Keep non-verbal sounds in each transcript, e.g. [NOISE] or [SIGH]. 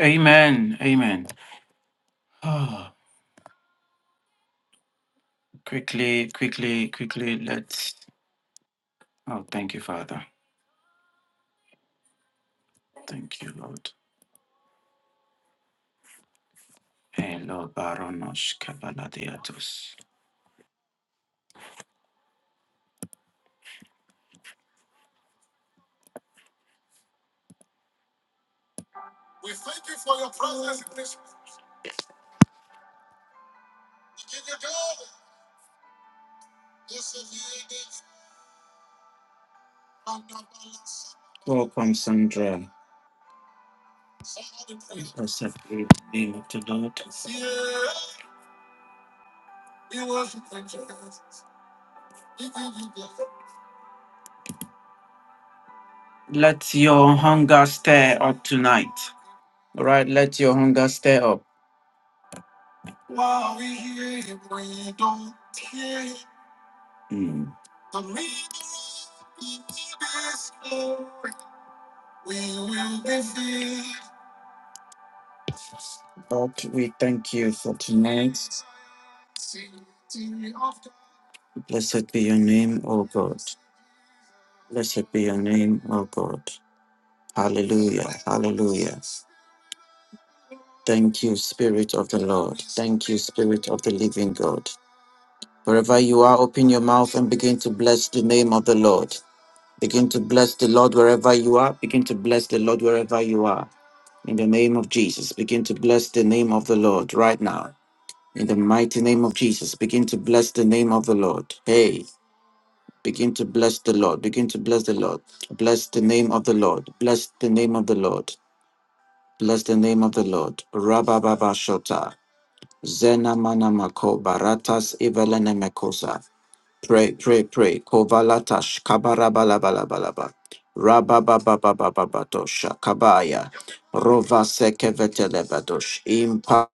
Amen. Amen. Oh, quickly, quickly, quickly. Let's. Oh, thank you, Father. Thank you, Lord. Hello, Baronos Kabaladiatos. Welcome, Sandra. Blessed be the name of the Lord. Let your hunger stir up tonight. All right, let your hunger stir up. Mm. Lord, we thank you for tonight. Blessed be your name, O God. Blessed be your name, O God. Hallelujah. Hallelujah. Thank you, Spirit of the Lord. Thank you, Spirit of the Living God. Wherever you are, open your mouth and begin to bless the name of the Lord. Begin to bless the Lord wherever you are. Begin to bless the Lord wherever you are. In the name of Jesus, begin to bless the name of the Lord right now. In the mighty name of Jesus, begin to bless the name of the Lord. Hey, begin to bless the Lord. Begin to bless the Lord. Bless the name of the Lord. Bless the name of the Lord. Bless the name of the Lord. Rabba Baba Zena manamako baratas evelene mekosa. Pray, pray, pray. Kovalatash kabarabalabalaba. Rabababababababadosh kabaya. Rova sekevetelebadosh. Impa.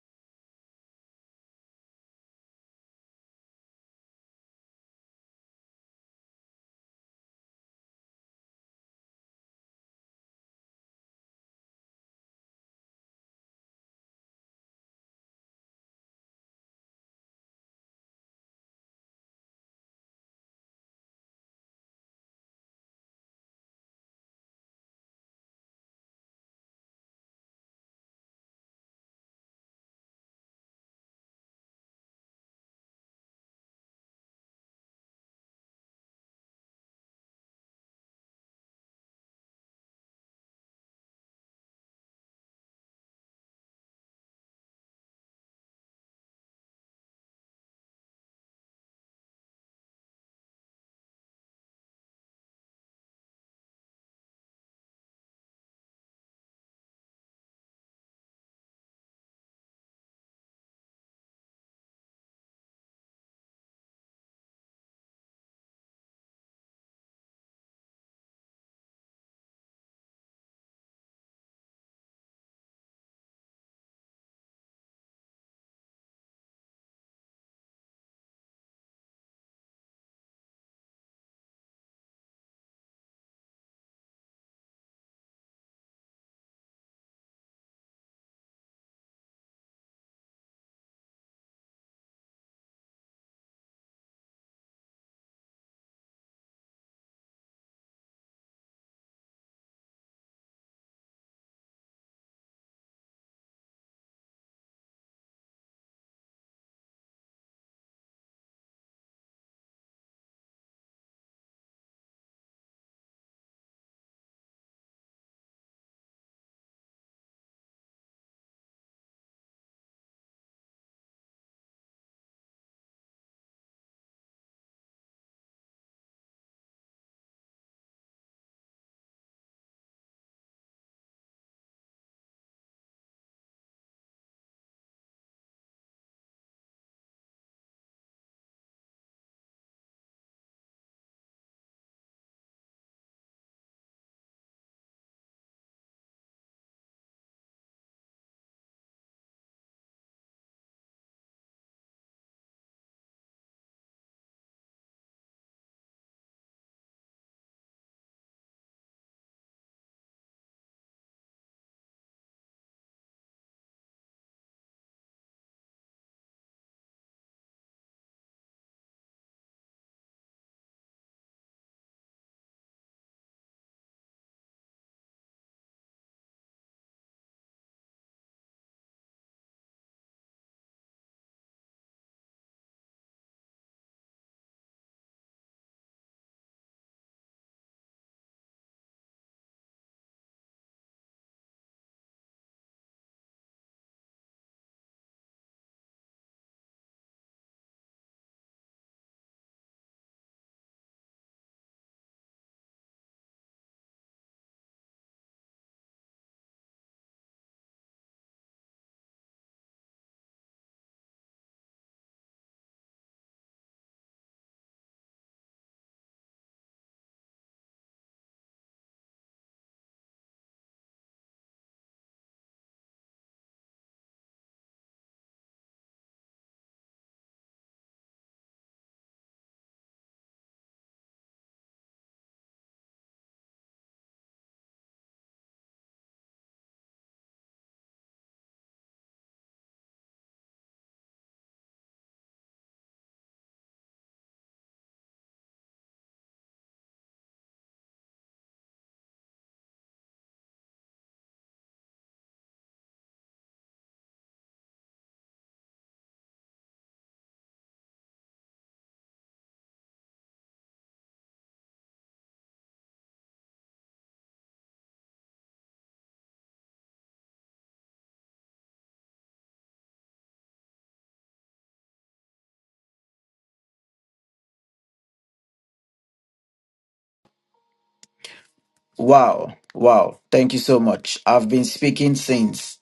Wow, wow. Thank you so much. I've been speaking since,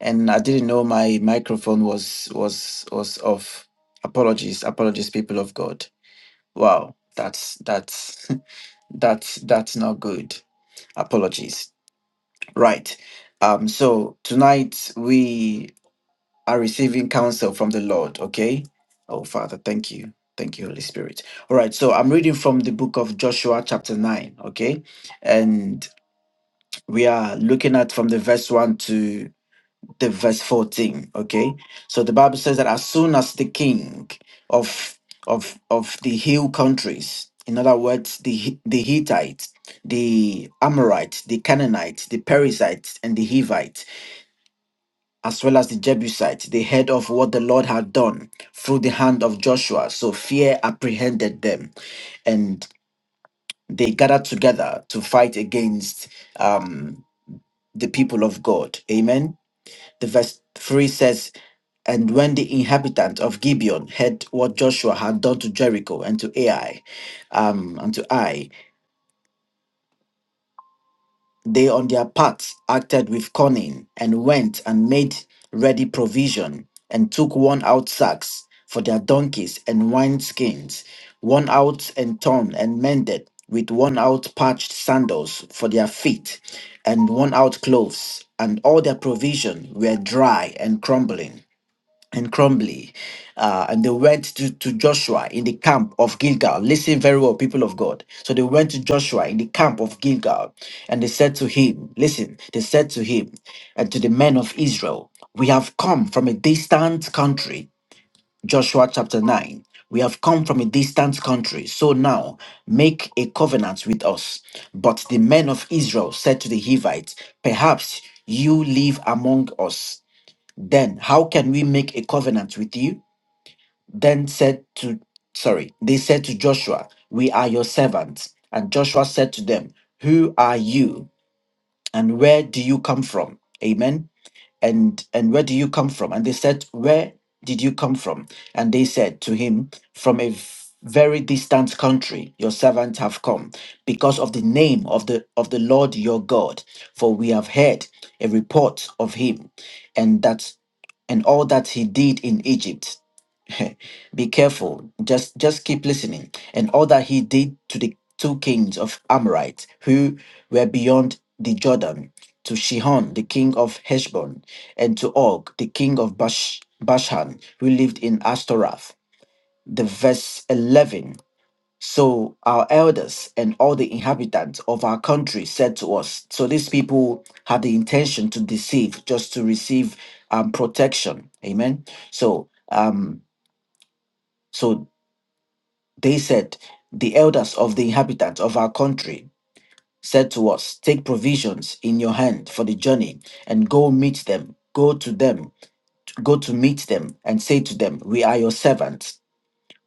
and I didn't know my microphone was was was off. Apologies, apologies, people of God. Wow, that's that's [LAUGHS] that's that's not good. Apologies. Right. Um, so tonight we are receiving counsel from the Lord, okay? Oh, Father, thank you. Thank you, Holy Spirit. All right, so I'm reading from the book of Joshua, chapter 9, okay? And we are looking at from the verse 1 to the verse 14, okay? So the Bible says that as soon as the king of of of the hill countries, in other words, the Hi- the Hittites, the Amorites, the Canaanites, the Perizzites, and the Hivites as well as the Jebusites. They heard of what the Lord had done through the hand of Joshua, so fear apprehended them, and they gathered together to fight against um, the people of God. Amen. The verse 3 says, And when the inhabitants of Gibeon heard what Joshua had done to Jericho and to Ai, um, and to Ai, They, on their part, acted with cunning and went and made ready provision and took worn out sacks for their donkeys and wineskins, worn out and torn and mended with worn out patched sandals for their feet and worn out clothes, and all their provision were dry and crumbling and Crumbly. Uh, and they went to, to Joshua in the camp of Gilgal. Listen very well, people of God. So they went to Joshua in the camp of Gilgal and they said to him, Listen, they said to him and to the men of Israel, We have come from a distant country. Joshua chapter 9. We have come from a distant country. So now make a covenant with us. But the men of Israel said to the Hivites, Perhaps you live among us then, how can we make a covenant with you? Then said to, sorry, they said to Joshua, We are your servants. And Joshua said to them, Who are you and where do you come from? Amen and and where do you come from and they said where did you come from and they said to him from a v- very distant country your servant have come because of the name of the of the lord your god for we have heard a report of him and that and all that he did in egypt [LAUGHS] Be careful. Just just keep listening. And all that he did to the two kings of Amorites who were beyond the Jordan, to Shihon, the king of Heshbon, and to Og, the king of Bash- Bashan, who lived in Ashtaroth. The verse 11. So our elders and all the inhabitants of our country said to us, so these people had the intention to deceive just to receive um, protection. Amen. So um, so they said, The elders of the inhabitants of our country said to us, Take provisions in your hand for the journey and go meet them. Go to them, go to meet them, and say to them, We are your servants.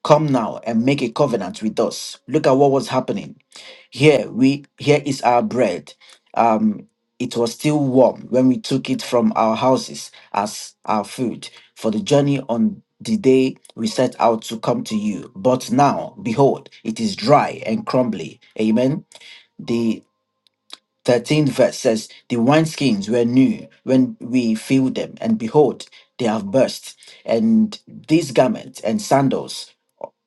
Come now and make a covenant with us. Look at what was happening. Here we here is our bread. Um, it was still warm when we took it from our houses as our food for the journey on the day we set out to come to you. But now, behold, it is dry and crumbly. Amen. The 13th verse says, The wineskins were new when we filled them, and behold, they have burst. And these garments and sandals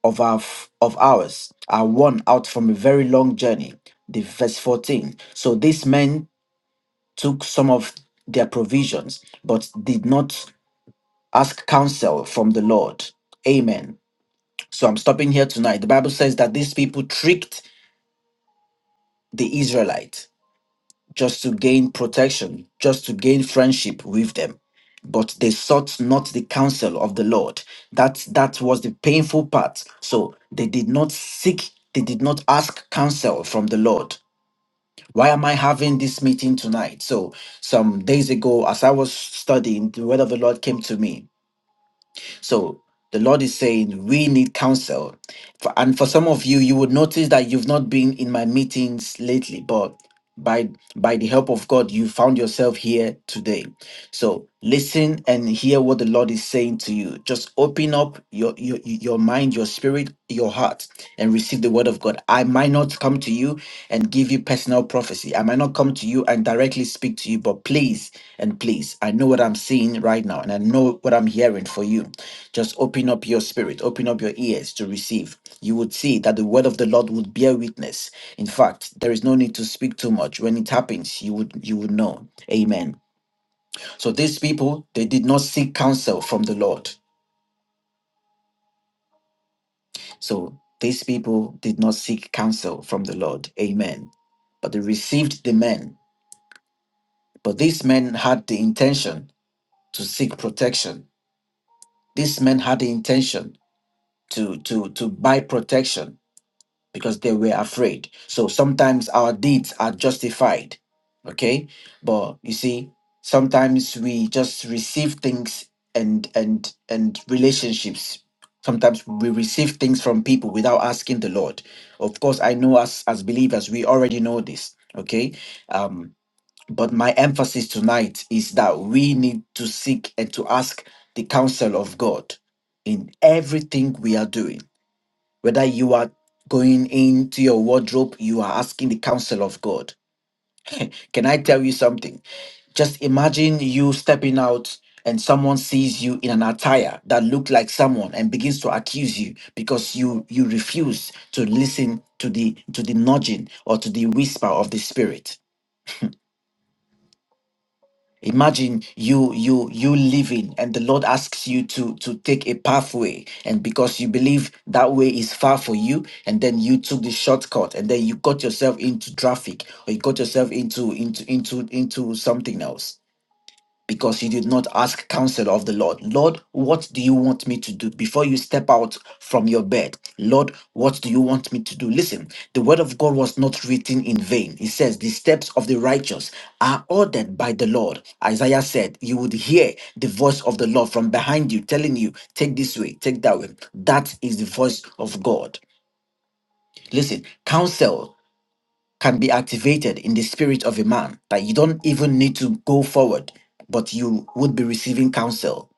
of our of ours are worn out from a very long journey. The verse 14. So these men took some of their provisions, but did not ask counsel from the Lord. Amen. So I'm stopping here tonight. The Bible says that these people tricked the Israelites just to gain protection, just to gain friendship with them. But they sought not the counsel of the Lord. That that was the painful part. So they did not seek, they did not ask counsel from the Lord. Why am I having this meeting tonight? So some days ago, as I was studying, the word of the Lord came to me so the Lord is saying we need counsel. For- And for some of you, you would notice that you've not been in my meetings lately, but by by the help of God, you found yourself here today. So listen and hear what the Lord is saying to you. Just open up your your, your mind, your spirit, your heart, and receive the word of God. I might not come to you and give you personal prophecy. I might not come to you and directly speak to you, but please and please, I know what I'm seeing right now, and I know what I'm hearing for you. Just open up your spirit, open up your ears to receive. You would see that the word of the Lord would bear witness. In fact, there is no need to speak too much. When it happens, you would you would know. Amen. So these people, they did not seek counsel from the Lord. So these people did not seek counsel from the Lord. Amen. But they received the men. But these men had the intention to seek protection. These men had the intention to to to buy protection because they were afraid. So sometimes our deeds are justified. Okay? But you see, sometimes we just receive things and and and relationships. Sometimes we receive things from people without asking the Lord. Of course, I know us as believers, we already know this. Okay. Um, but my emphasis tonight is that we need to seek and to ask the counsel of God in everything we are doing whether you are going into your wardrobe, you are asking the counsel of God. Can I tell you something? Just imagine you stepping out and someone sees you in an attire that look like someone and begins to accuse you because you you refuse to listen to the to the nudging or to the whisper of the spirit Imagine you you you living and the Lord asks you to to take a pathway and because you believe that way is far for you and then you took the shortcut and then you got yourself into traffic or you got yourself into into into into something else because you did not ask counsel of the Lord. Lord, what do you want me to do before you step out from your bed? Lord, what do you want me to do? Listen, the word of God was not written in vain. It says, The steps of the righteous are ordered by the Lord. Isaiah said, You would hear the voice of the Lord from behind you telling you, Take this way, take that way. That is the voice of God. Listen, counsel can be activated in the spirit of a man that you don't even need to go forward, but you would be receiving counsel.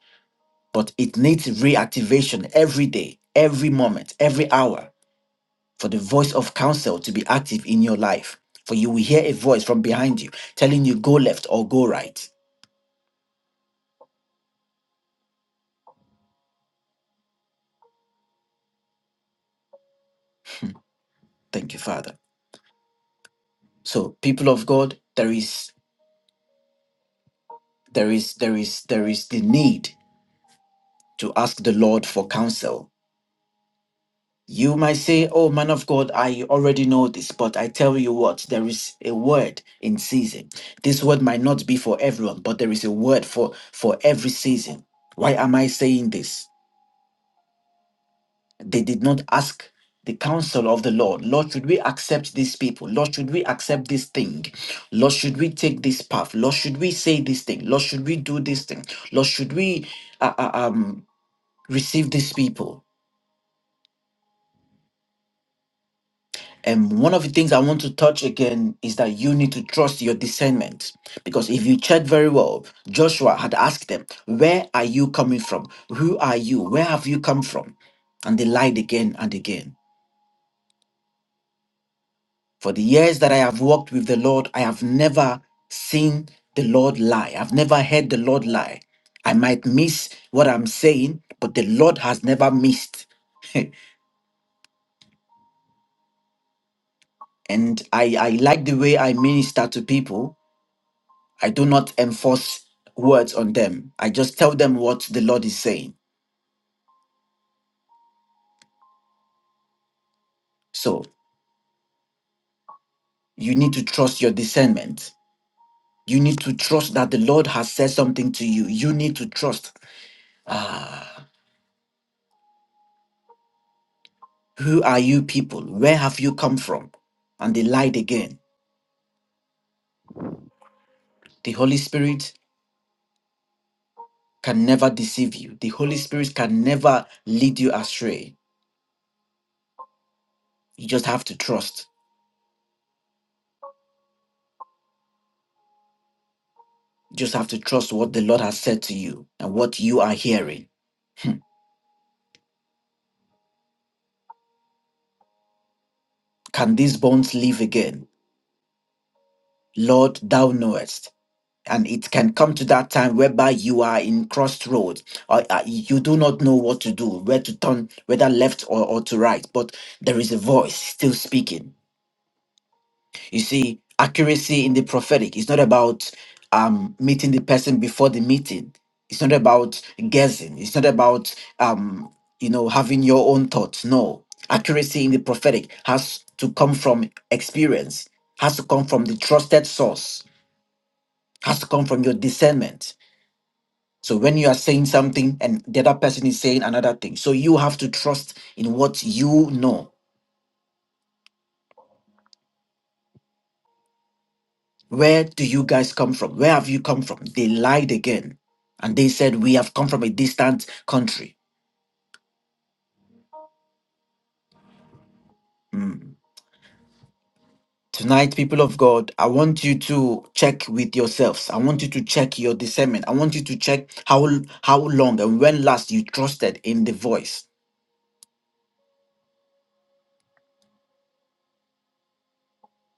But it needs reactivation every day, every moment, every hour for the voice of counsel to be active in your life. For you will hear a voice from behind you telling you go left or go right. Thank you, Father. So, people of God, there is there is there is there is the need to ask the Lord for counsel You might say, Oh, man of God, I already know this, but I tell you what, there is a word in season. This word might not be for everyone, but there is a word for, for every season. Why am I saying this? They did not ask the counsel of the Lord. Lord, should we accept these people? Lord, should we accept this thing? Lord, should we take this path? Lord, should we say this thing? Lord, should we do this thing? Lord, should we uh, uh, um, receive these people? And one of the things I want to touch again is that you need to trust your discernment. Because if you check very well, Joshua had asked them, Where are you coming from? Who are you? Where have you come from? And they lied again and again. For the years that I have walked with the Lord, I have never seen the Lord lie. I've never heard the Lord lie. I might miss what I'm saying, but the Lord has never missed. [LAUGHS] and I, I like the way I minister to people I do not enforce words on them. I just tell them what the Lord is saying. So you need to trust your discernment. You need to trust that the Lord has said something to you. You need to trust. Ah, who are you people? Where have you come from? And they lied again. The Holy Spirit can never deceive you. The Holy Spirit can never lead you astray. You just have to trust. You just have to trust what the Lord has said to you and what you are hearing. Can these bones live again? Lord, thou knowest. And it can come to that time whereby you are in crossroads, or uh, you do not know what to do, where to turn, whether left or, or to right. But there is a voice still speaking. You see, accuracy in the prophetic is not about um, meeting the person before the meeting. It's not about guessing. It's not about um, you know having your own thoughts. No, accuracy in the prophetic has to come from experience. Has to come from the trusted source has to come from your discernment. So when you are saying something and the other person is saying another thing, so you have to trust in what you know. Where do you guys come from? Where have you come from? They lied again. And they said, We have come from a distant country. Hmm. Tonight, people of God, I want you to check with yourselves. I want you to check your discernment. I want you to check how how long and when last you trusted in the voice.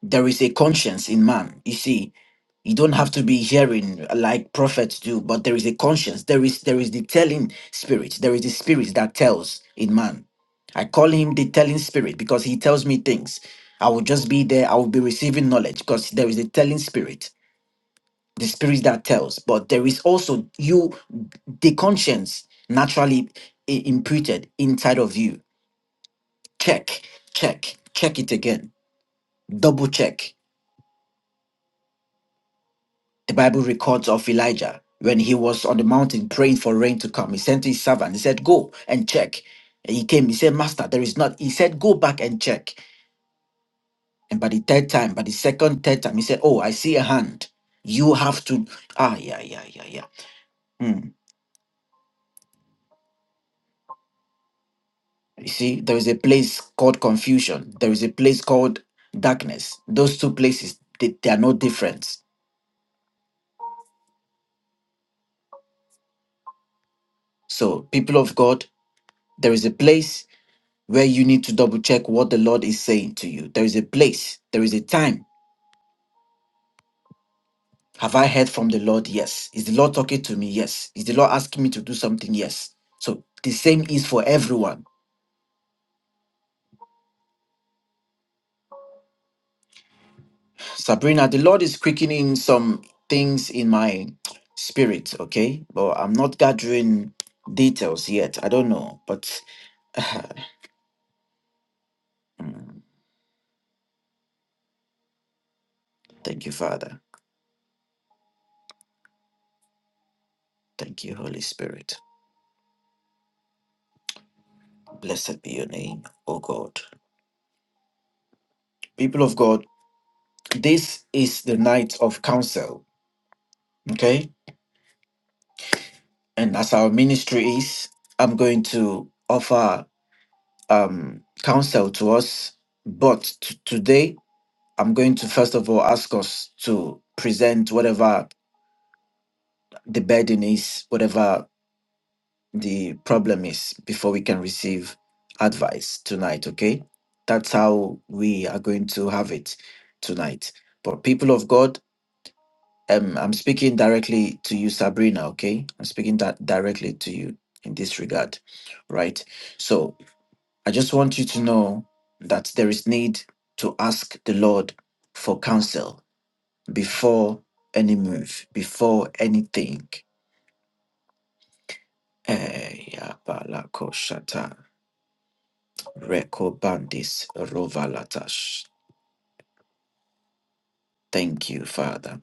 there is a conscience in man. You see, you don't have to be hearing like prophets do, but there is a conscience. There is there is the telling spirit. There is the spirit that tells in man. I call him the telling spirit because he tells me things. I will just be there. I will be receiving knowledge because there is a telling spirit, the spirit that tells. But there is also you, the conscience naturally i- imputed inside of you. Check, check, check it again. Double check The Bible records of Elijah when he was on the mountain praying for rain to come. He sent his servant. He said, Go and check. And he came. He said, Master, there is not. He said, Go back and check. And by the third time, by the second, third time, he said, Oh, I see a hand. You have to. Ah, yeah, yeah, yeah, yeah. Hmm. You see, there is a place called confusion, there is a place called darkness. Those two places, they, they are no different. So, people of God, there is a place where you need to double check what the Lord is saying to you. There is a place, there is a time. Have I heard from the Lord? Yes. Is the Lord talking to me? Yes. Is the Lord asking me to do something? Yes. So the same is for everyone. Sabrina, the Lord is quickening some things in my spirit, okay? But I'm not gathering details yet. I don't know, but [SIGHS] Mm, thank you, Father. Thank you, Holy Spirit. Blessed be your name, O God. People of God, This is the night of counsel, okay? And as our ministry is, I'm going to offer um, counsel to us. But t- today, I'm going to first of all ask us to present whatever the burden is, whatever the problem is, before we can receive advice tonight, okay? That's how we are going to have it tonight. But people of God, Um, I'm speaking directly to you, Sabrina. Okay, I'm speaking that directly to you in this regard, right? So I just want you to know that there is need to ask the Lord for counsel before any move, before anything. Eh, ya balako shata, reko bandis rovalatash. Thank you, Father.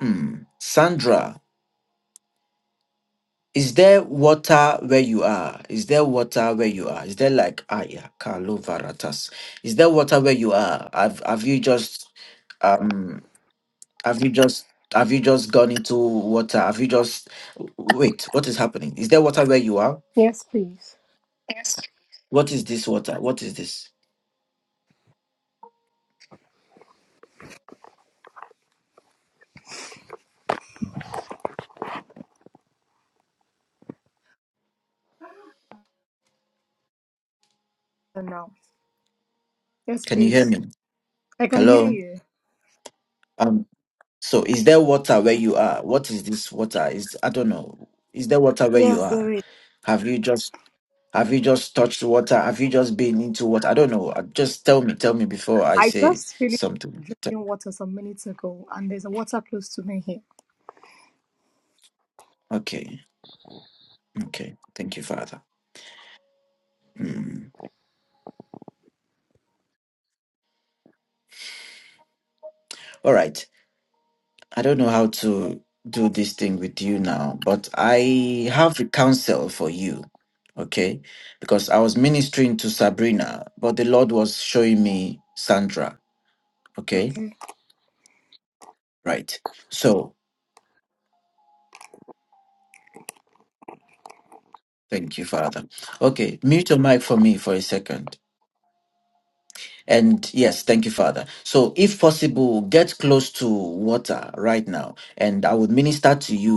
Hmm. Sandra. Is there water where you are? Is there water where you are? Is there like aya kalovaratas? Is there water where you are? Have have you just um have you just have you just gone into water? Have you just wait, what is happening? Is there water where you are? Yes, please. What is this water? What is this? And now. Yes, Can you hear please. me? I can hear Hello? you. Um so is there water where you are? What is this water? Is I don't know. Is there water where you Yes, are? there is. Have you just Have you just touched water? Have you just been into water? I don't know. Uh, Just tell me, tell me before I I say just finished something. T- drinking water some minutes ago, and there's a water close to me here. Okay, okay. Thank you, Father. Mm. All right. I don't know how to do this thing with you now, but I have a counsel for you. Okay, because I was ministering to Sabrina, but the Lord was showing me Sandra. Okay, Okay. right. So thank you, Father. Okay, mute your mic for me for a second. And yes, thank you, Father. So, if possible, get close to water right now, and I would minister to you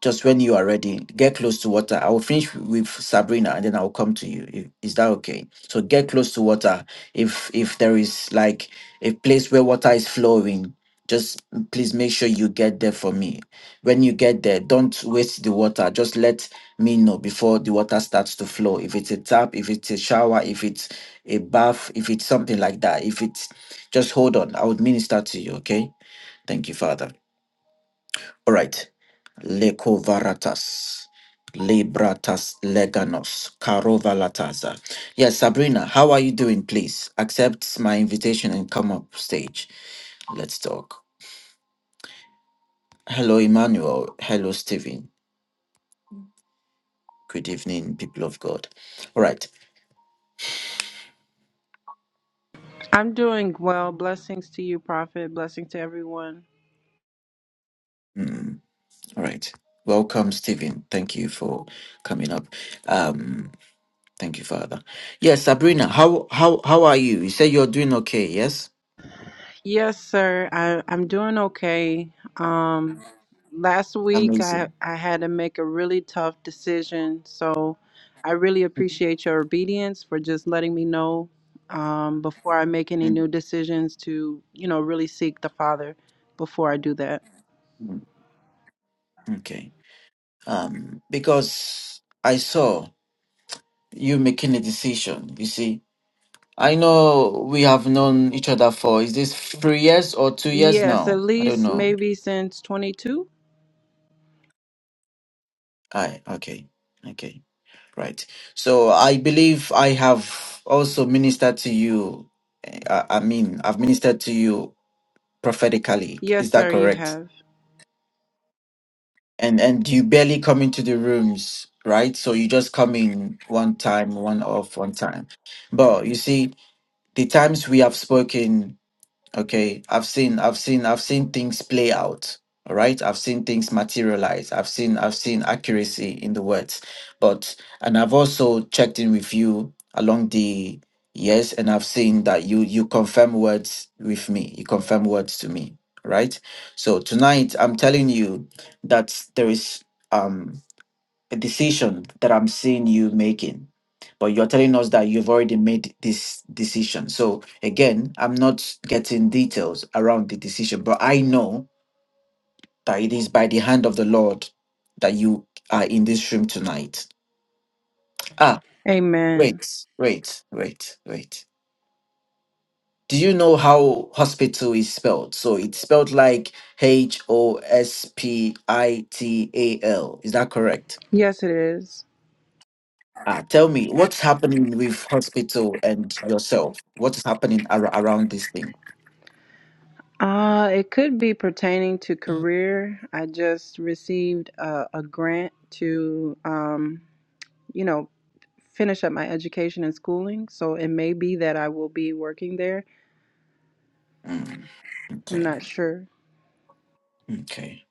just when you are ready, get close to water. I will finish with Sabrina and then I will come to you. I- Is that okay? So get close to water. If if there is like a place where water is flowing, just please make sure you get there for me. When you get there, don't waste the water. Just let me know before the water starts to flow. If it's a tap, if it's a shower, if it's a bath, if it's something like that. If it's just hold on. I would minister to you, okay? Thank you, Father. All right. Lekovaratas. Libratas leganos. Karovalataza. Yes, Sabrina, how are you doing? Please accept my invitation and come up stage. Let's talk. Hello, Emmanuel. Hello, Stephen. Good evening, people of God. All right. I'm doing well. Blessings to you, Prophet. Blessings to everyone. Mm, all right. Welcome, Stephen. Thank you for coming up. Um, thank you, Father. Yes, Sabrina, how how how are you? You say you're doing okay, yes? Yes, sir. I, I'm doing okay. Um, last week, I, Amazing. I had to make a really tough decision. So I really appreciate your obedience for just letting me know um, before I make any new Mm, decisions to, you know, really seek the Father before I do that. Okay. Um, because I saw you making a decision, you see. I know we have known each other for, is this three years or two years Yes, at now? I don't least know. maybe since 22. I, okay. Okay. Right. So I believe I have also ministered to you. eh, I, I mean, I've ministered to you prophetically. Yes, Is that sir, you correct? have. And, and you barely come into the rooms, right? So you just come in one time, one off, one time. But you see, The times we have spoken, okay, I've seen, I've seen, I've seen things play out. All right. I've seen things materialize. I've seen, I've seen accuracy in the words. But and I've also checked in with you along the years, and I've seen that you you confirm words with me. You confirm words to me. Right. So tonight I'm telling you that there is um, a decision that I'm seeing you making. But you're telling us that you've already made this decision. So again, I'm not getting details around the decision, but I know that it is by the hand of the Lord that you are in this room tonight. Ah, Amen. wait, wait, wait, wait. Do you know how hospital is spelled? So it's spelled like H O S P I T A L. Is that correct? Yes, it is. Ah, tell me what's happening with hospital and yourself? What's happening ar- around this thing? Uh, it could be pertaining to career. I just received a, a grant to, um, you know, finish up my education and schooling. So it may be that I will be working there. Mm, I'm okay, not sure. okay,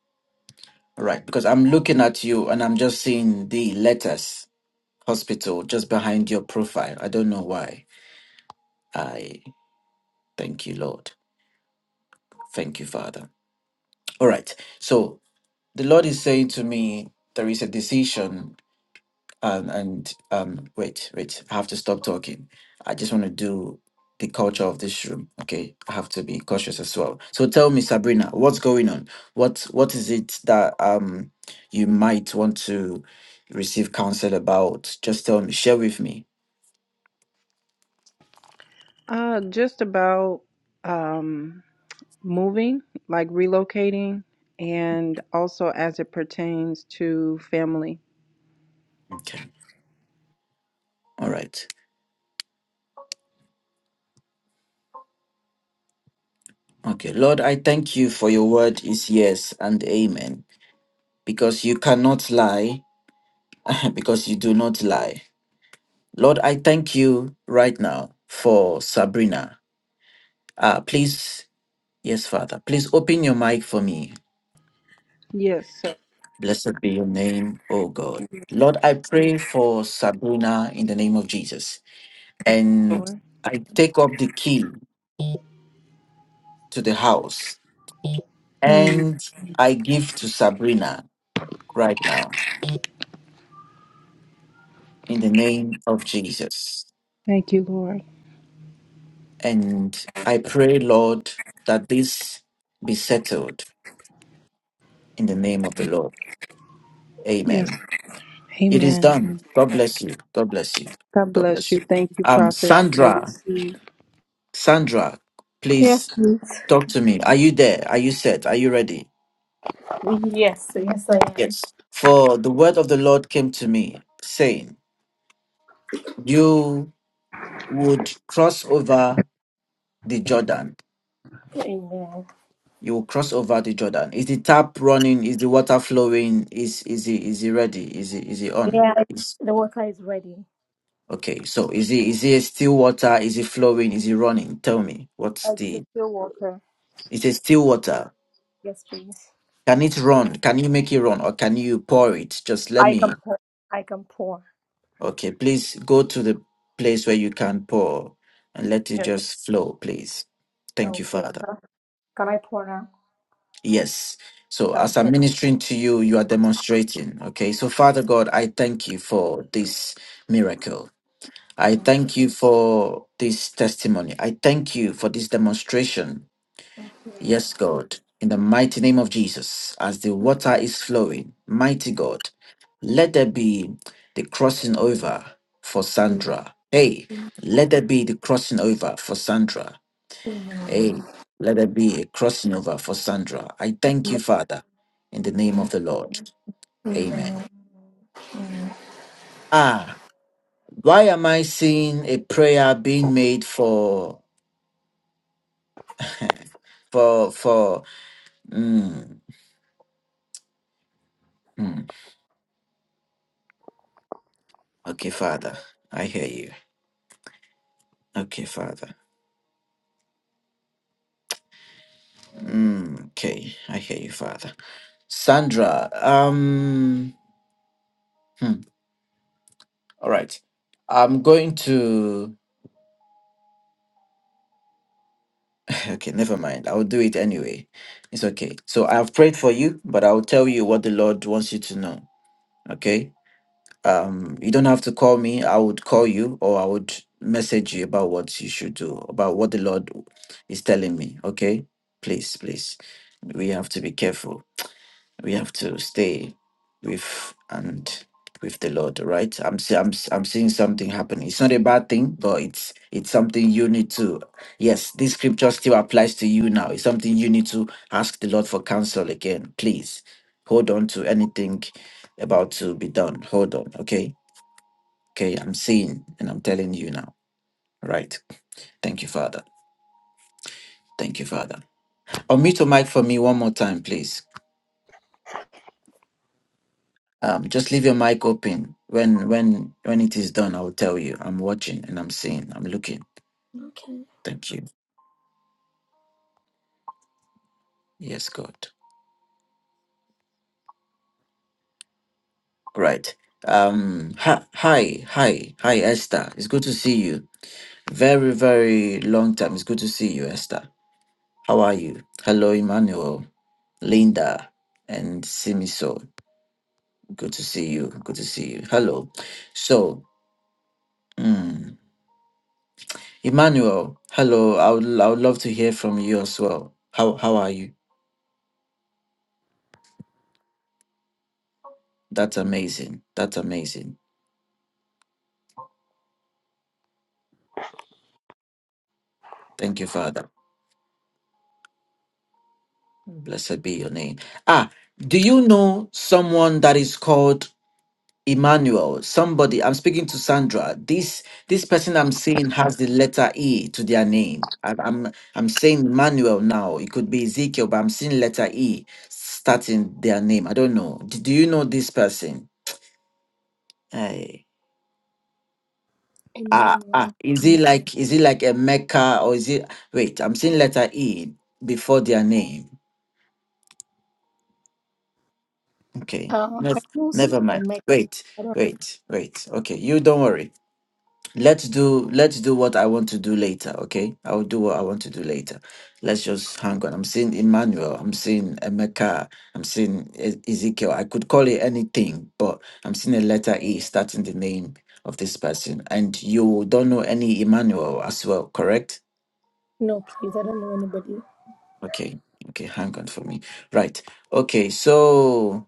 all right. Because I'm looking at you and I'm just seeing the letters hospital just behind your profile. I don't know why. I thank you, Lord. Thank you, Father. All right. So the Lord is saying to me, there is a decision, um, and um, wait, wait, I have to stop talking. I just want to do the culture of this room. Okay, I have to be cautious as well. So tell me, Sabrina, what's going on? What what is it that um you might want to receive counsel about? Just tell me, share with me. Uh, just about um, moving, like relocating, and also as it pertains to family. Okay, all right. Okay, Lord, I thank you for your word is yes and amen because you cannot lie [LAUGHS] because you do not lie. Lord, I thank you right now for Sabrina. Uh, please, yes, Father, please open your mic for me. Yes, so- Blessed be your name, O God. Lord, I pray for Sabrina in the name of Jesus. And Lord. I take up the key to the house Mm, and I give to Sabrina right now in the name of Jesus. thank you, Lord. And I pray, Lord, that this be settled in the name of the Lord. Yes. Amen. It is Amen. done. God bless you. God bless you. God God bless bless you. you. Thank you, Um, Prophet. I Sandra, receive. Sandra, Yes, please please. talk to me. Are you there? Are you set? Are you ready? Yes, yes, I am. Yes. For the word of the Lord came to me, saying, You would cross over the Jordan. Amen. You will cross over the Jordan. Is the tap running? Is the water flowing? Is is it is it ready? Is it is it on? Yeah, Is the water is ready. okay. So is it is it still water? Is it flowing? Is it running? Tell me what's Like the the still water. It's a still water. Yes, please. Can it run? Can you make it run or can you pour it? Just let I can me. pour. I can pour. Okay, please go to the place where you can pour and let it Okay. just flow, please. Thank you, Okay. Father. Huh? Can I pour now? Yes. So, as Okay. I'm ministering to you, you are demonstrating. Okay. So, Father God, I thank you for this miracle. I thank you for this testimony. I thank you for this demonstration Yes, God, in the mighty name of Jesus, as the water is flowing, mighty God, let there be the crossing over for Amen. Sandra. Hey, let there be the crossing over for Sandra. Hey, let there be a crossing over for Sandra. I thank you, Amen. Father, in the name of the Lord. Amen. Amen. Ah, why am I seeing a prayer being made for, [LAUGHS] for, for, mm, mm. okay, Father, I hear you. Okay, Father. Mm, okay, I hear you, Father. Sandra, um, hmm, all right. I'm going to. [LAUGHS] Okay, never mind. I'll do it anyway. It's okay. So I've prayed for you, but I'll tell you what the Lord wants you to know. Okay. Um, you don't have to call me. I would call you, or I would message you about what you should do, about what the Lord is telling me. Okay. Please, please. We have to be careful we have to stay with and with the Lord, right? I'm see- I'm s- I'm seeing something happening. It's not a bad thing, but it's it's something you need to. Yes, this scripture still applies to you now. It's something you need to ask the Lord for counsel again. Please hold on to anything about to be done. Hold on, okay? Okay, I'm seeing and I'm telling you now. All Right. Thank you, Father. Thank you, Father. Unmute your mic for me one more time, please. Um, just leave your mic open. When when when it is done, I will tell you. I'm watching and I'm seeing. I'm looking. Okay. Thank you. Yes, God. Right. Um. Hi, hi, hi, hi, Esther. It's good to see you. Very very long time. It's good to see you, Esther. How are you? Hello, Emmanuel, Linda, and Simiso. Good to see you. Good to see you. Hello. So, mm, Emmanuel. Hello. I would I would love to hear from you as well. How how are you? That's amazing. That's amazing. Thank you, Father. Blessed be your name. Ah, do you know someone that is called Emmanuel? Somebody. I'm speaking to Sandra. This this person I'm seeing has the letter E to their name. I, I'm I'm saying Emmanuel now. It could be Ezekiel, but I'm seeing letter E starting their name. I don't know. Do, do you know this person? Hey. Ah, Emmanuel. ah, is he like is he like a Mecca or is it wait, I'm seeing letter E before their name. Okay. Uh, No, I know never mind. someone, Mike. Wait, I don't wait, wait. Okay, you don't worry. Let's do let's do what I want to do later, okay? I'll do what I want to do later. Let's just hang on. I'm seeing Emmanuel, I'm seeing Emeka, I'm seeing E- Ezekiel. I could call it anything, but I'm seeing a letter E starting the name of this person. And you don't know any Emmanuel as well, correct? know, please. I don't know Okay. Okay, hang on for me. Right. Okay, so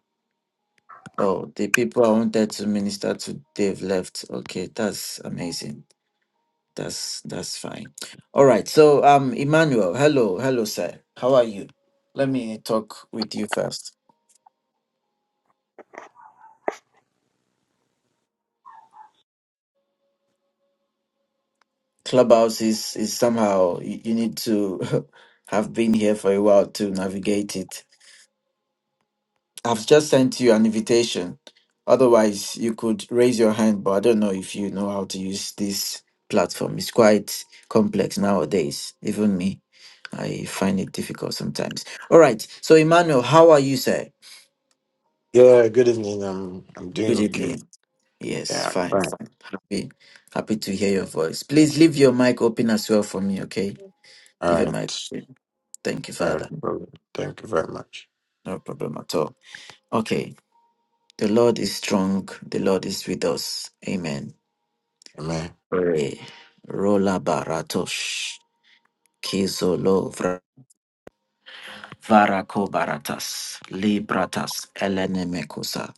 Oh, the people I wanted to minister to, they've left. Okay, that's amazing. That's that's fine. All right. So, um, Emmanuel, hello, hello, sir. How are you? Let me talk with you first. Clubhouse is is somehow you, you need to [LAUGHS] have been here for a while to navigate it. I've just sent you an invitation. Otherwise, you could raise your hand, but I don't know if you know how to use this platform. It's quite complex nowadays. Even me, I find it difficult sometimes. All right. So, Emmanuel, how are you, sir? Yeah, good evening. I'm I'm doing Good okay. evening. Yes, Yeah, fine, fine. fine. Happy, happy to hear your voice. Please leave your mic open as well for me, okay? All Leave your mic right. open. Thank you, All right, Father. brother. Thank you very much. No problem at all. Okay. The Lord is strong. The Lord is with us. Amen. Amen. Re rola baratosh kizolo vra- varako baratas libratas elenemekosa.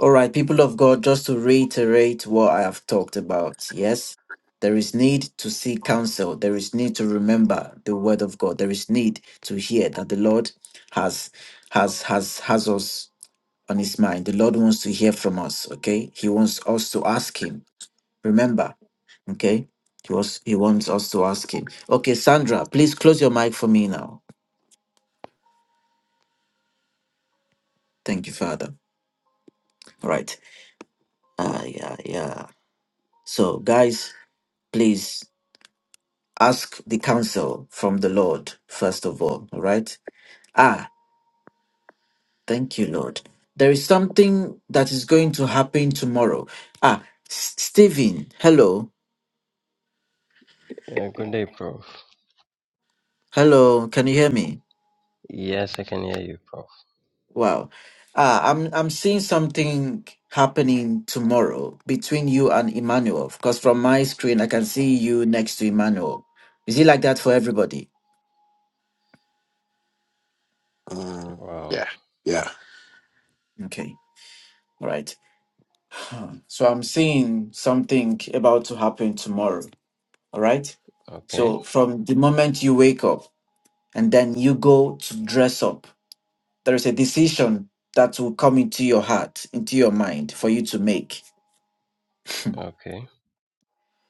All right, people of God, just to reiterate what I have talked about. Yes, there is need to seek counsel. There is need to remember the word of God. There is need to hear that the Lord has has has has us on his mind. The Lord wants to hear from us. Okay, He wants us to ask Him. Remember, okay? He was he wants us to ask him. Okay, Sandra, please close your mic for me now. Thank you, Father. All right. Ah, yeah, yeah. So, guys, please ask the counsel from the Lord first of all. All right. Ah, thank you, Lord. There is something that is going to happen tomorrow. Ah, S- Stephen, hello, Yeah, good day, Prof. hello. Can you hear me? Yes, I can hear you, Prof. Wow. Uh, I'm I'm seeing something happening tomorrow between you and Emmanuel because from my screen I can see you next to Emmanuel. Is it like that for everybody? Mm, Wow. yeah. Yeah. Okay. All right. Huh. So I'm seeing something about to happen tomorrow. All right. Okay. So from the moment you wake up and then you go to dress up, there is a decision that will come into your heart, into your mind for you to make Okay.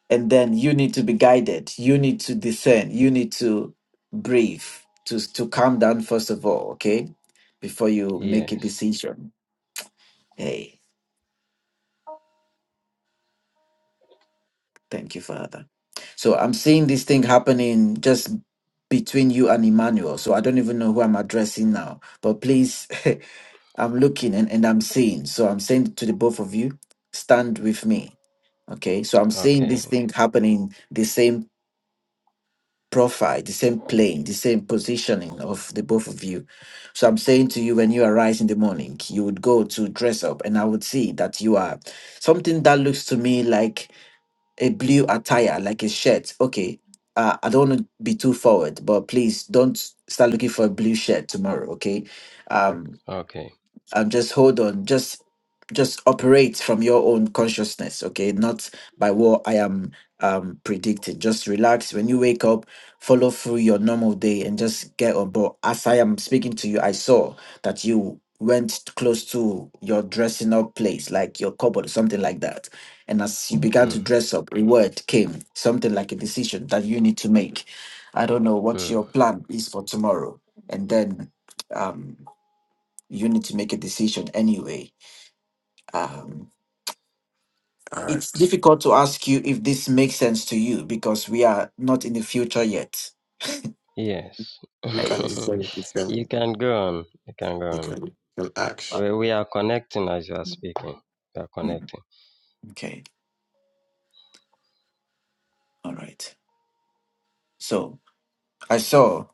and then you need to be guided you need to discern you need to breathe to to calm down first of all okay before you make a Yes. decision hey thank you father so i'm seeing this thing happening just between you and emmanuel so i don't even know who i'm addressing now but please [LAUGHS] i'm looking and, and i'm seeing so i'm saying to the both of you stand with me okay so i'm seeing Okay. this thing happening the same profile, the same plane, the same positioning of the both of you. So I'm saying to you, when you arise in the morning, you would go to dress up, and I would see that you are something that looks to me like a blue attire, like a shirt. Okay, uh, I don't want to be too forward, but please don't start looking for a blue shirt tomorrow. Okay, Um, Okay. um, just hold on just just operate from your own consciousness okay not by what i am um predicting just relax when you wake up follow through your normal day and just get on board as i am speaking to you i saw that you went close to your dressing up place like your cupboard something like that and as you began to Mm. dress up a word came something like a decision that you need to make i don't know what Mm. your plan is for tomorrow and then um you need to make a decision anyway. Um, All it's right. difficult to ask you if this makes sense to you because we are not in the future yet. Yes. You Uh, [LAUGHS] can you It's, can you can you can go on. You can go you on. can, you can uh, ask. We, we are connecting as you are speaking. We are mm, connecting. okay, all right. So I saw.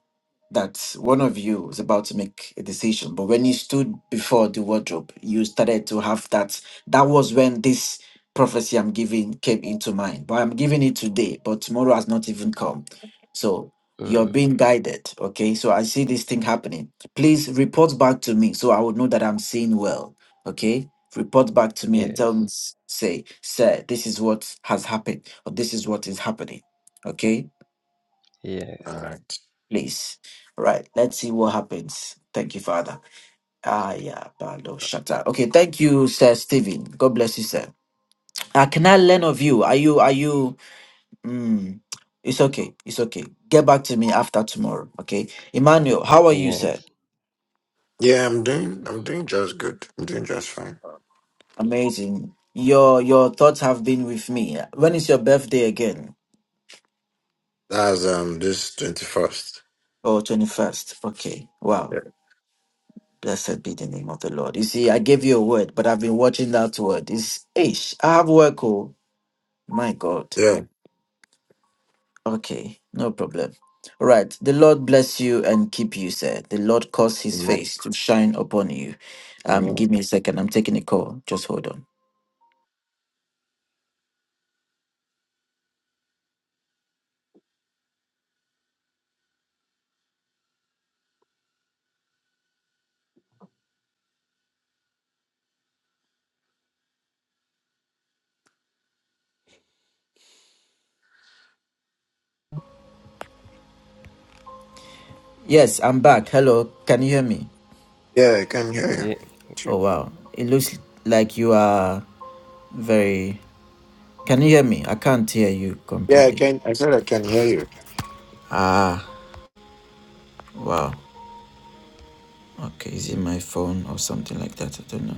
that one of you was about to make a decision but when you stood before the wardrobe you started to have that that was when this prophecy i'm giving came into mind but i'm giving it today but tomorrow has not even come so you're Mm. being guided okay so i see this thing happening please report back to me so i would know that i'm seeing well okay report back to me and tell me Yes. s- say sir this is what has happened or this is what is happening okay All Yes. right. please. All right, let's see what happens. Thank you, Father. Ah, yeah, Bando Shatta. Okay, thank you, Sir Stephen. God bless you, sir. Uh, can I learn of you? Are you, are you, mm, it's okay, it's okay. Get back to me after tomorrow, okay? Emmanuel, how are you, sir? Yes. Yeah, I'm doing I'm doing just good. I'm doing just fine. Amazing. Your your thoughts have been with me. When is your birthday again? That's um this twenty first. Oh, twenty first. Okay. Wow. Yeah. Blessed be the name of the Lord. You see, I gave you a word, but I've been watching that word. It's ish. I have work, oh my God. Yeah. Okay, no problem. All right. The Lord bless you and keep you, sir. The Lord cause his Amen. face to shine upon you. Um, give Amen. me a second. I'm taking a call. Just hold on. Yes, I'm back. Hello. Can you hear me? Yeah, I can hear Y- you. Oh wow. It looks like you are very can you hear me? I can't hear you Yeah, I completely. can I said I can hear you. Ah, wow. Okay, is it my phone or something like that? I don't know.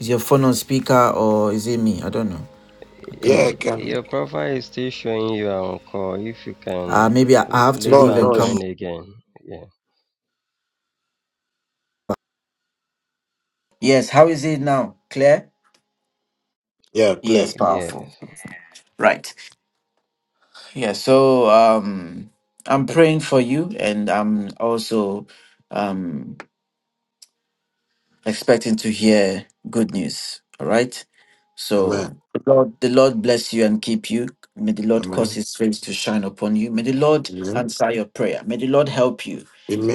Is your phone on speaker or is it me? I don't know. I y- can't. Yeah, I can. Your profile is still showing you are on call. If you can Uh, maybe I I have to leave No, leave and and no, come back. join it's, again. Yeah. Yes, how is it now? Clear? yeah, Yes, play. powerful. Yes. Right. Yeah, so um I'm praying for you and I'm also um expecting to hear good news. All right. So Amen. the Lord, the Lord bless you and keep you. May the Lord cause Amen. his face to shine upon you. May the Lord Amen. answer your prayer. May the Lord help you.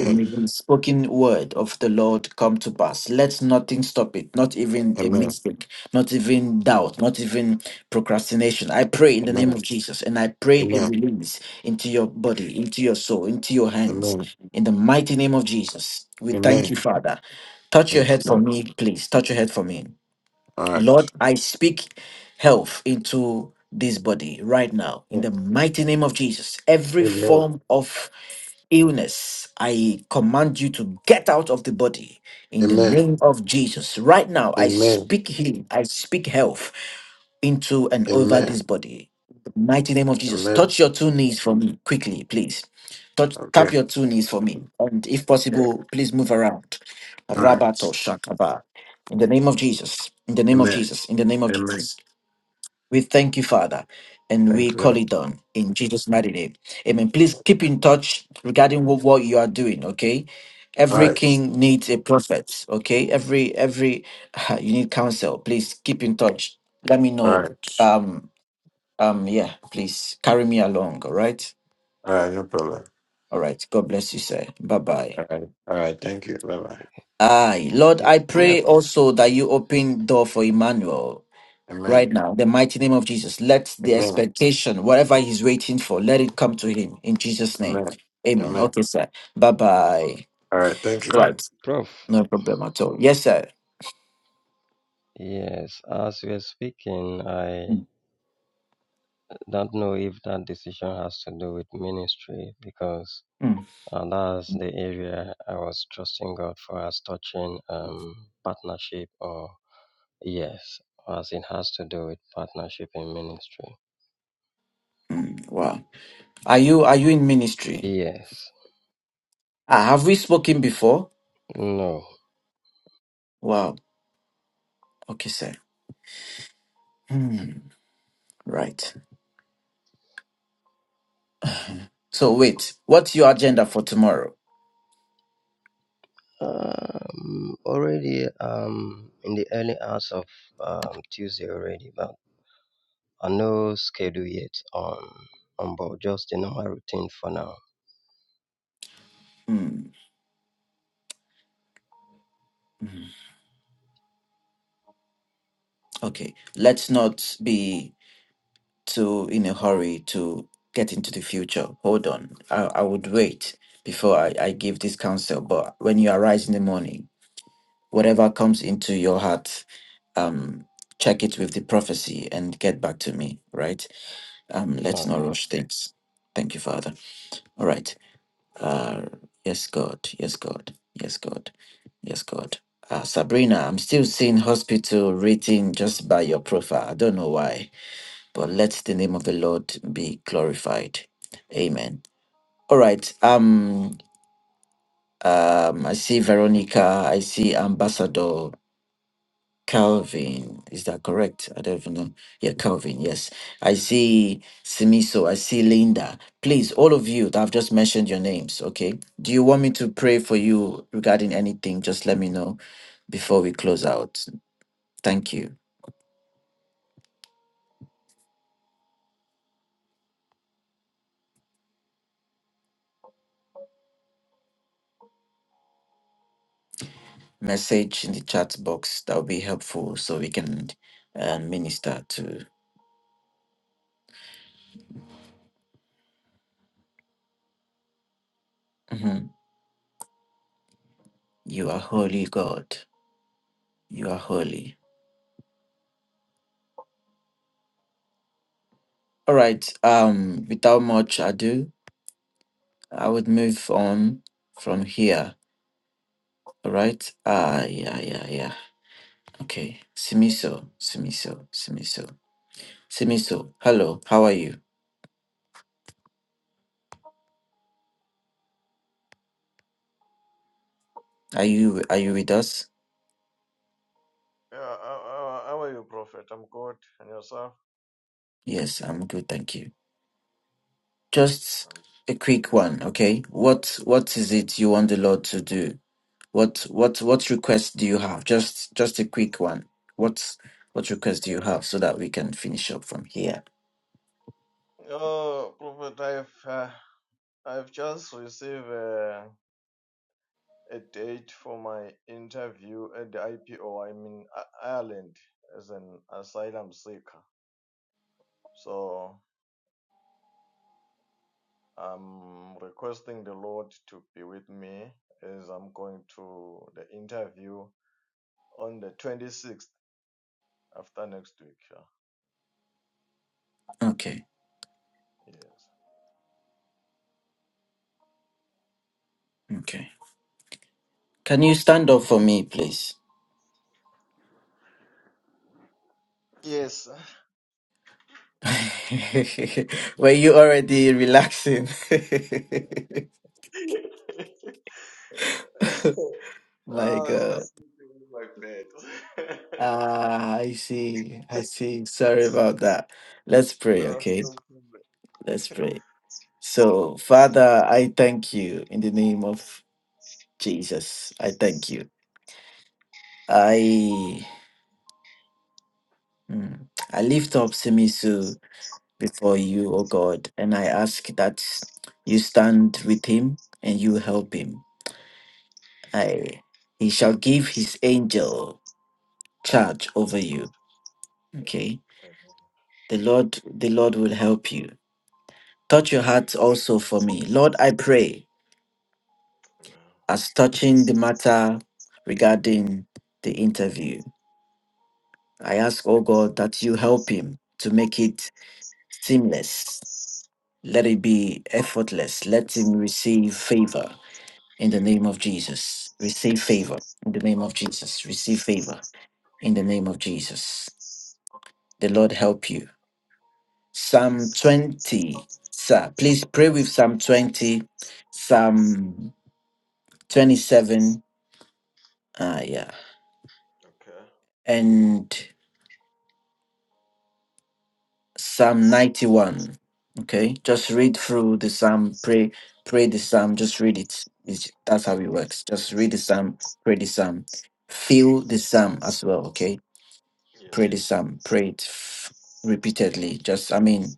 And may the spoken word of the Lord come to pass. Let nothing stop it, not even a Amen. mistake, not even doubt, not even procrastination. I pray in the name Amen. of Jesus and I pray a Amen. release into your body, into your soul, into your hands. Amen. In the mighty name of Jesus, we thank you, Amen. Father. Touch your Thank you, head for Lord. me, please. Touch your head for me. All Lord, right. I speak health into this body right now in Yeah. the mighty name of Jesus. Every Amen. form of illness, I command you to get out of the body in the Amen. name of Jesus. Right now, I Amen. speak healing, I speak health into and over Amen. this body. The mighty name of Jesus. Amen. Touch your two knees for me quickly, please. Touch, Okay. tap your two knees for me. And if Yeah. possible, please move around. All right. Rabato Shakaba. In the name of Jesus. In the name of Amen. Jesus. In the name of Amen. Jesus. We thank you, Father, and we Thank you, call Lord. it done in Jesus' mighty name. Amen. Please keep All in touch regarding what, what you are doing, okay? Every right. king needs a prophet, okay? Every, every, [LAUGHS] you need counsel. Please keep in touch. Let me All know. right. Um, um, yeah, please carry me along, all right? All right. No problem. All right. God bless you, sir. Bye bye. All right. All right. Thank you. Bye bye. Aye. Lord, Y- I pray Yep. also that you open door for Emmanuel. right Amen. now, the mighty name of Jesus. Let the Amen. expectation, whatever he's waiting for, let it come to him in Jesus' name. Amen. Amen. Amen. Okay, sir. Bye bye. All right. Thank you, Lord. Yep. Right. Prof. No problem at all. Yes, sir. Yes, as we are speaking, I Mm, don't know if that decision has to do with ministry because mm, uh, that's the area I was trusting God for as touching um, partnership or yes, as it has to do with partnership in ministry. mm. Wow. Are you are you in ministry? Yes, Ah, have we spoken before? no. Wow. Okay, sir. Hmm. Right. So wait, what's your agenda for tomorrow? Um, already um, in the early hours of um, Tuesday already, but I no schedule yet on on board, just the normal routine for now. Hmm. Okay. Let's not be too in a hurry to get into the future. Hold on. I, I would wait before I, I give this counsel. But when you arise in the morning, whatever comes into your heart, um, check it with the prophecy and get back to me, right? Um, let's not Okay. rush things. Thank you, Father. All right. Uh, yes, God. Yes, God. Yes, God. Yes, God. Uh, Sabrina, I'm still seeing hospital written just by your profile. I don't know why. But let the name of the Lord be glorified. Amen. All right. Um, um, I see Veronica. I see Ambassador Calvin. Is that correct? I don't even know. Yeah, Calvin. Yes. I see Simiso. I see Linda. Please, all of you that I've just mentioned your names. Okay. Do you want me to pray for you regarding anything? Just let me know before we close out. Thank you. Message in the chat box. That will be helpful so we can and minister to Mhm. You are holy, God. You are holy. All right. Um, without much ado, I would move on from here. All right. Ah, yeah, yeah, yeah. Okay. Simiso, Simiso, Simiso, Simiso. Hello. How are you? Are you are you with us? Yeah, how, how are you, Prophet? I'm good. And yourself? Yes, I'm good. Thank you. Just I'm a quick one, okay? What what is it you want the Lord to do? What what what request do you have? Just just a quick one. What what request do you have so that we can finish up from here? good. Oh, Prophet, I've uh, I've just received a, a date for my interview at the IPO. I'm in I- Ireland as an asylum seeker. So I'm requesting the Lord to be with me as I'm going to the interview on the 26th after next week. Okay. Yeah. Okay. Can you stand up for me, please? Yes. [LAUGHS] Were you already relaxing? [LAUGHS] Yes. [LAUGHS] My Oh, it's God. just sleeping in my bed. [LAUGHS] Ah, I see. I see. Sorry about that. Let's pray, no, okay? don't do Let's pray. So, Father, I thank you in the name of Jesus. I thank you. I. Mm. I lift up Semisu before you, O God, and I ask that you stand with him and you help him. I he shall give his angel charge over you. Okay. Amen. The Lord the Lord will help you. Touch your heart Praise also for me. Lord, I pray God, man. as touching the matter regarding the interview. I ask, O God, that you help him to make it seamless Let it be effortless. Let him receive favor in the name of Jesus. Receive favor in the name of Jesus. Receive favor in the Praise name of Jesus. The Lord help you. God. Yes, Psalm sir. 20, sir. Please pray with Psalm 20, Psalm 27. Ah, yeah. Okay. And Psalm 91. Okay, just read through the psalm, pray, pray the psalm, just read it. It's- that's how it works. Just read the psalm, pray the psalm, feel the psalm as well. Okay, Yes, pray the sir. psalm, pray it f- repeatedly. Just, I mean,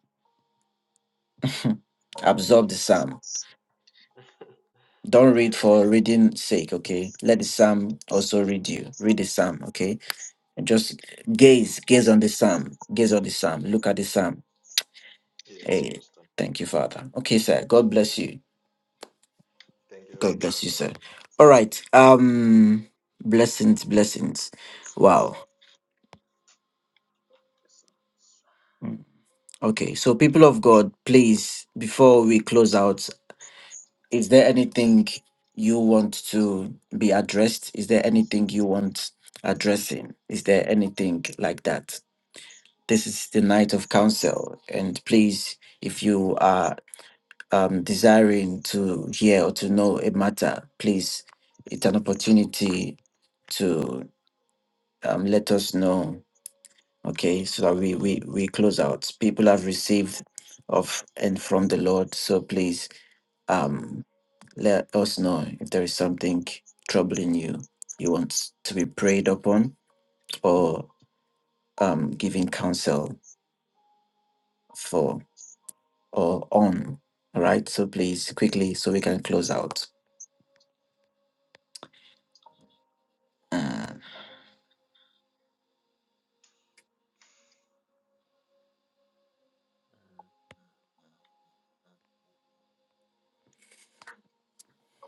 [LAUGHS] absorb the psalm. Don't read Okay. for reading sake. Okay, let the psalm also read you. Read the psalm. Okay, and just gaze, gaze on the psalm, gaze on the psalm, look at the psalm. Yes, Hey, Pastor. thank you, Father. Okay, sir. God bless you. Thank you, God bless you, Prophet. sir. All right. Um, blessings, blessings. Wow. Yes, sir. Okay. So, people of God, please, before we close out, is there anything you want to be addressed? Is there anything you want addressing? Is there anything like that? This is the night of counsel, and please, if you are um, desiring to hear or to know a matter, please, it's an opportunity to um, let us know okay so that we we we close out people have received of and from the lord so please um let us know if there is something troubling you you want to be prayed upon or um giving counsel for or on all right so please quickly so we can close out uh, Mm.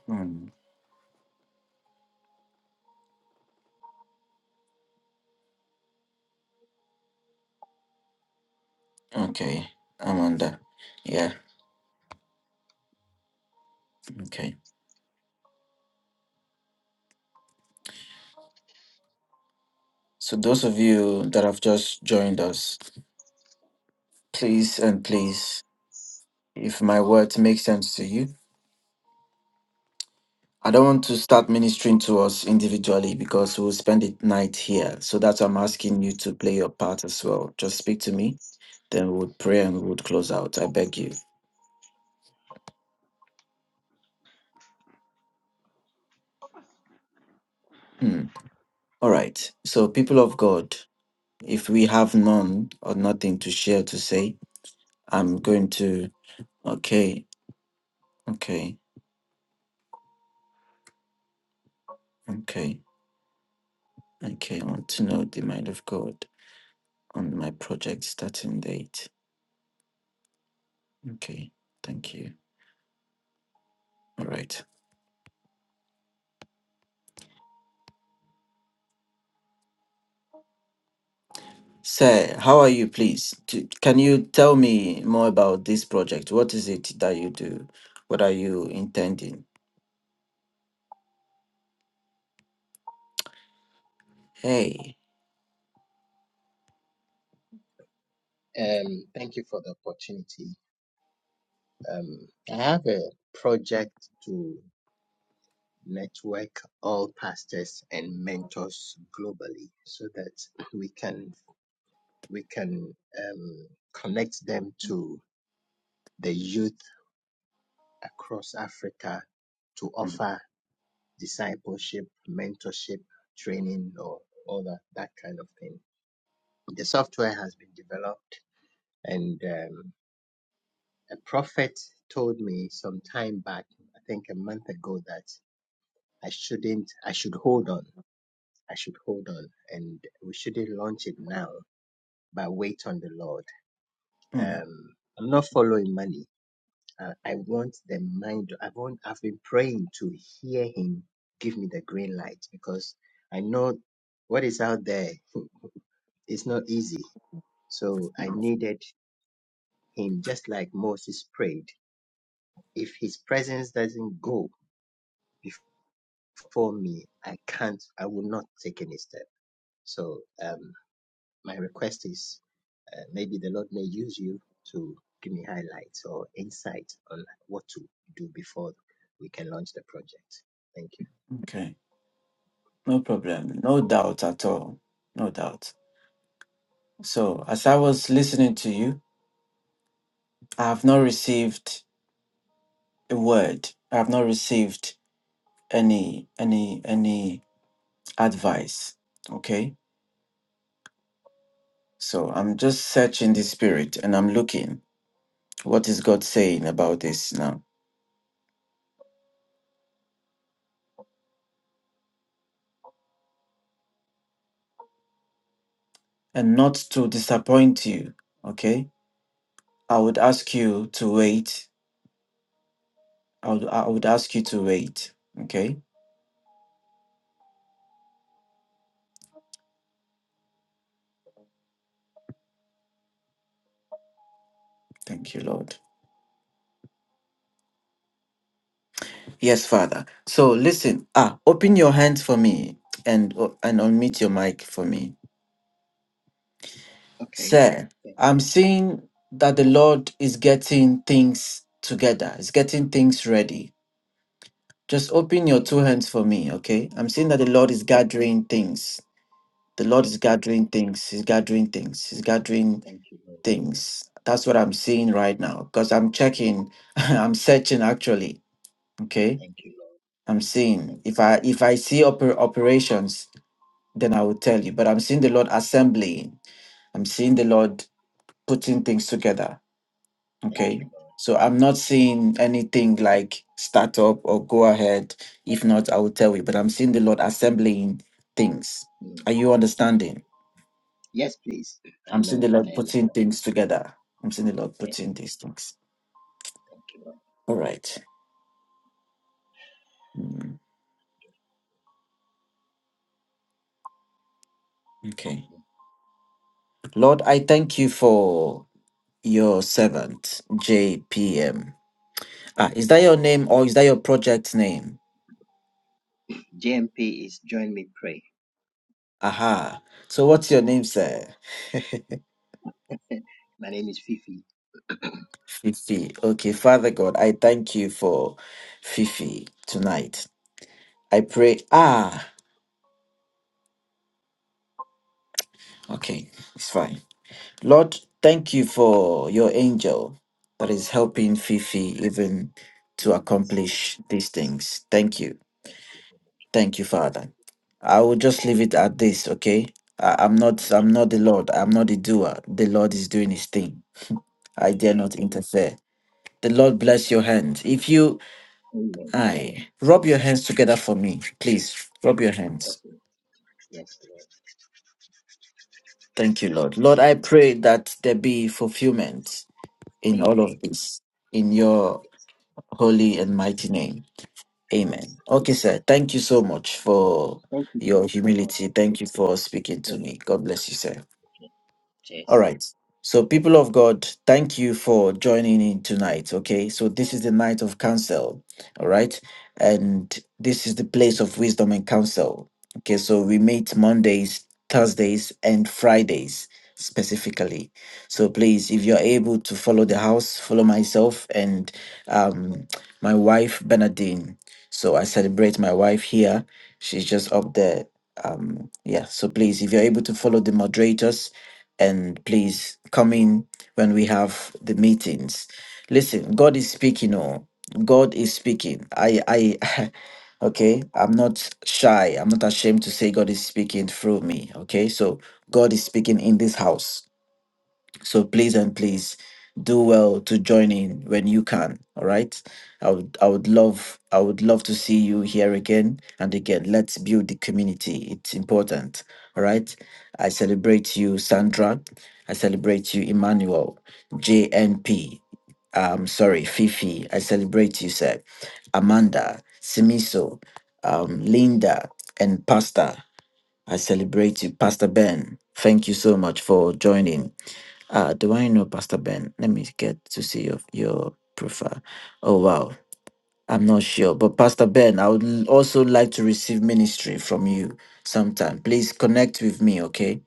hmm, okay amanda yeah okay so those of you that have just joined us please and please if my words make sense to you. I don't want to start ministering to us individually because we'll spend the night here. So that's why I'm asking you to play your part as well. Just speak to me, then we would pray and we would close out. I beg you. Hmm. All right. So, people of God, if we have none or nothing to share to say, I'm going to. Okay. Okay. Okay. Okay. I want to know the mind of God on my project starting date. Okay. Thank you. All right. Sir, how are you, please? T- Can you tell me more about this project? What is it that you do? What are you intending? Hey. Um, thank you for the opportunity. Um, I have a project to network all pastors and mentors globally so that we can we can um, connect them to the youth across Africa to Mm, offer discipleship, mentorship, training, or all that, that kind of thing. The software has been developed, and um, a prophet told me some time back, I think a month ago, that I shouldn't, I should hold on. I should hold on and we shouldn't launch it now, but wait on the Lord. mm, Um, I'm not following money. I, I want the mind. I want, I've been praying to hear him give me the green light because I know what is out there [LAUGHS] is not easy. So I needed him just like Moses prayed. If his presence doesn't go for me, I can't, I will not take any step. So um, my request is uh, maybe the Lord may use you to give me highlights or insight on what to do before we can launch the project. Thank you. Okay, no problem. No doubt at all. No doubt. So, as I was listening to you, I have not received a word. I have not received any any any advice. Okay? So, I'm just searching the spirit and I'm looking what is God saying about this now. and not to disappoint you. Okay, I would ask you to wait. I would, I would ask you to wait. Okay, thank you, Lord. Yes, Father. So listen. Ah, open your hands for me and and unmute your mic for me, Okay. sir. Thank you. I'm seeing that the Lord is getting things together. Is getting things ready. Just open your two Okay. hands for me, okay? I'm seeing that the Lord is Yes, gathering things. The Lord yes, is please. gathering things. He's gathering things. He's gathering Thank you, Lord. things. That's what I'm seeing Thank right now because I'm checking, [LAUGHS] I'm searching actually. Okay, thank you, Lord. I'm seeing Thank if you, I Lord. if I see oper- operations, then I will tell you. But I'm seeing the Lord assembling. I'm seeing the Lord putting things together. Thank you, Okay, so I'm not seeing anything like startup or go ahead. If not, I will tell you. But I'm seeing the Lord assembling things. Lord. Mm. Are you understanding? Yes, please. I I'm seeing know. the Lord I putting understand. things together. I'm seeing the Lord Yes. putting these things. Thank you, Lord. All right. Hmm. Okay. Lord, I thank you for your servant, JPM. Ah, is that your name or is that your project name? Mm. JMP is Join Me Pray. Aha. So what's your name, sir? [LAUGHS] My name is Fifi. [LAUGHS] Fifi. Okay, Father God, I thank you for Fifi tonight. I pray. Ah, okay, it's fine. Lord, thank you for your angel that is helping Fifi even to Jesus. accomplish these things. Thank you. Thank you, Father. I will just leave it at this, okay? I, I'm not Thank I'm you. not the Lord. I'm not the doer. The Lord is doing his thing. I dare Amen. not interfere. The Lord bless your hands. If you Amen. I rub your hands together for me, please. Rub your hands. Yes, Lord. Yes, Lord. Thank you, Lord. Lord, I pray that there be fulfillment in all Amen. of this. In your Yes. holy and mighty name. Yes. Amen. Okay, sir. Thank you so much for Thank you, your King. humility. Apostle. Thank you for speaking to Thank you, me. God bless you, sir. King. All Yes. right. So, people of God, thank you for joining in tonight. Okay. So, this is the night of counsel. All right. And this is the place of wisdom and counsel. Okay. So, we meet Mondays, Thursdays, and Fridays specifically. So, please, if you're able to follow the house, follow myself and um, my wife, Bernadine. So, I celebrate my wife here. She's just up there. Um, yeah. So, please, if you're able to follow the moderators, and please come in when we have the meetings. Listen, God is speaking. Oh, God is speaking. I, I, [LAUGHS] okay, I'm not shy. I'm not ashamed to say God is speaking through me. Okay, so God is speaking in this house. So please and please do well to join in when you can. All right. I would I would love I would love to see you here again and again. Let's build the community. It's important. All right. I celebrate you, Sandra. I celebrate you, Emmanuel, JNP. Um, sorry, Fifi. I celebrate you, sir. Amanda, Simiso, um, Linda, and Pastor. I celebrate you, Pastor Ben. Thank you so much for joining. Uh, do I know Pastor Ben? Let me get to see your, your profile. Oh, wow. I'm not sure. But Pastor Ben, I would l- also like to receive ministry from you sometime. Please connect with me, okay?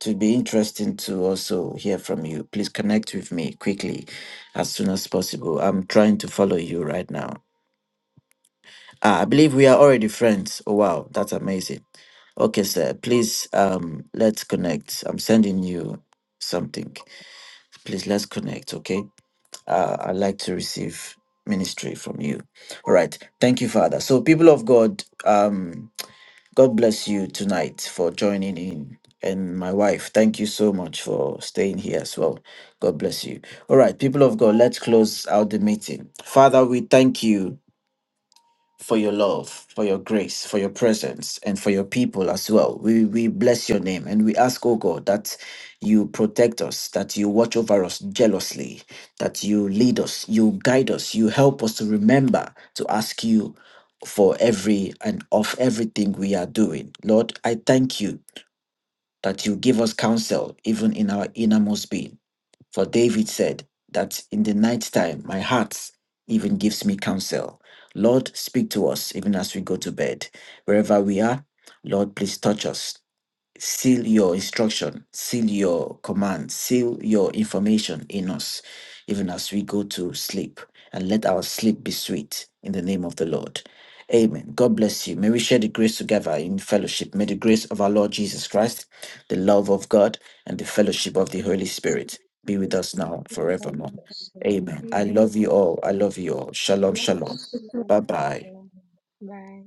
To be interesting to also hear from you. Please connect with me quickly as soon as possible. I'm trying to follow you right now. Ah, I believe we are already friends. Oh, wow. That's amazing. Okay, sir. Please, um, let's connect. I'm sending you something. Please, let's connect, okay? uh, I'd like to receive ministry from you. All right. Thank you, Father. So, people of God, um, God bless you tonight for joining in. And my wife, thank you so much for staying here as well. God bless you. All right, people of God, let's close out the meeting. Father, we thank you for your love, for your grace, for your presence, and for your people as well. We, we bless your name and we ask, oh God, that you protect us, that you watch over us jealously, that you lead us, you guide us, you help us to remember to ask you for every and of everything we are doing. Lord, I thank you that you give us counsel even in our innermost being. For David said that in the night time, my heart even gives me counsel. Lord, speak to us even as we go to bed. Wherever we are, Lord, please touch us seal your instruction, seal your command, seal your information in us, even as we go to sleep, and let our sleep be sweet in the name of the Lord. Amen. God bless you. May we share the grace together in fellowship. May the grace of our Lord Jesus Christ, the love of God, and the fellowship of the Holy Spirit be Holy with anybody. us now Spirit, be forevermore. with us now. Amen. I love and you all. I love you forever. all. Shalom, shalom. Amen. Bye bye. Bye.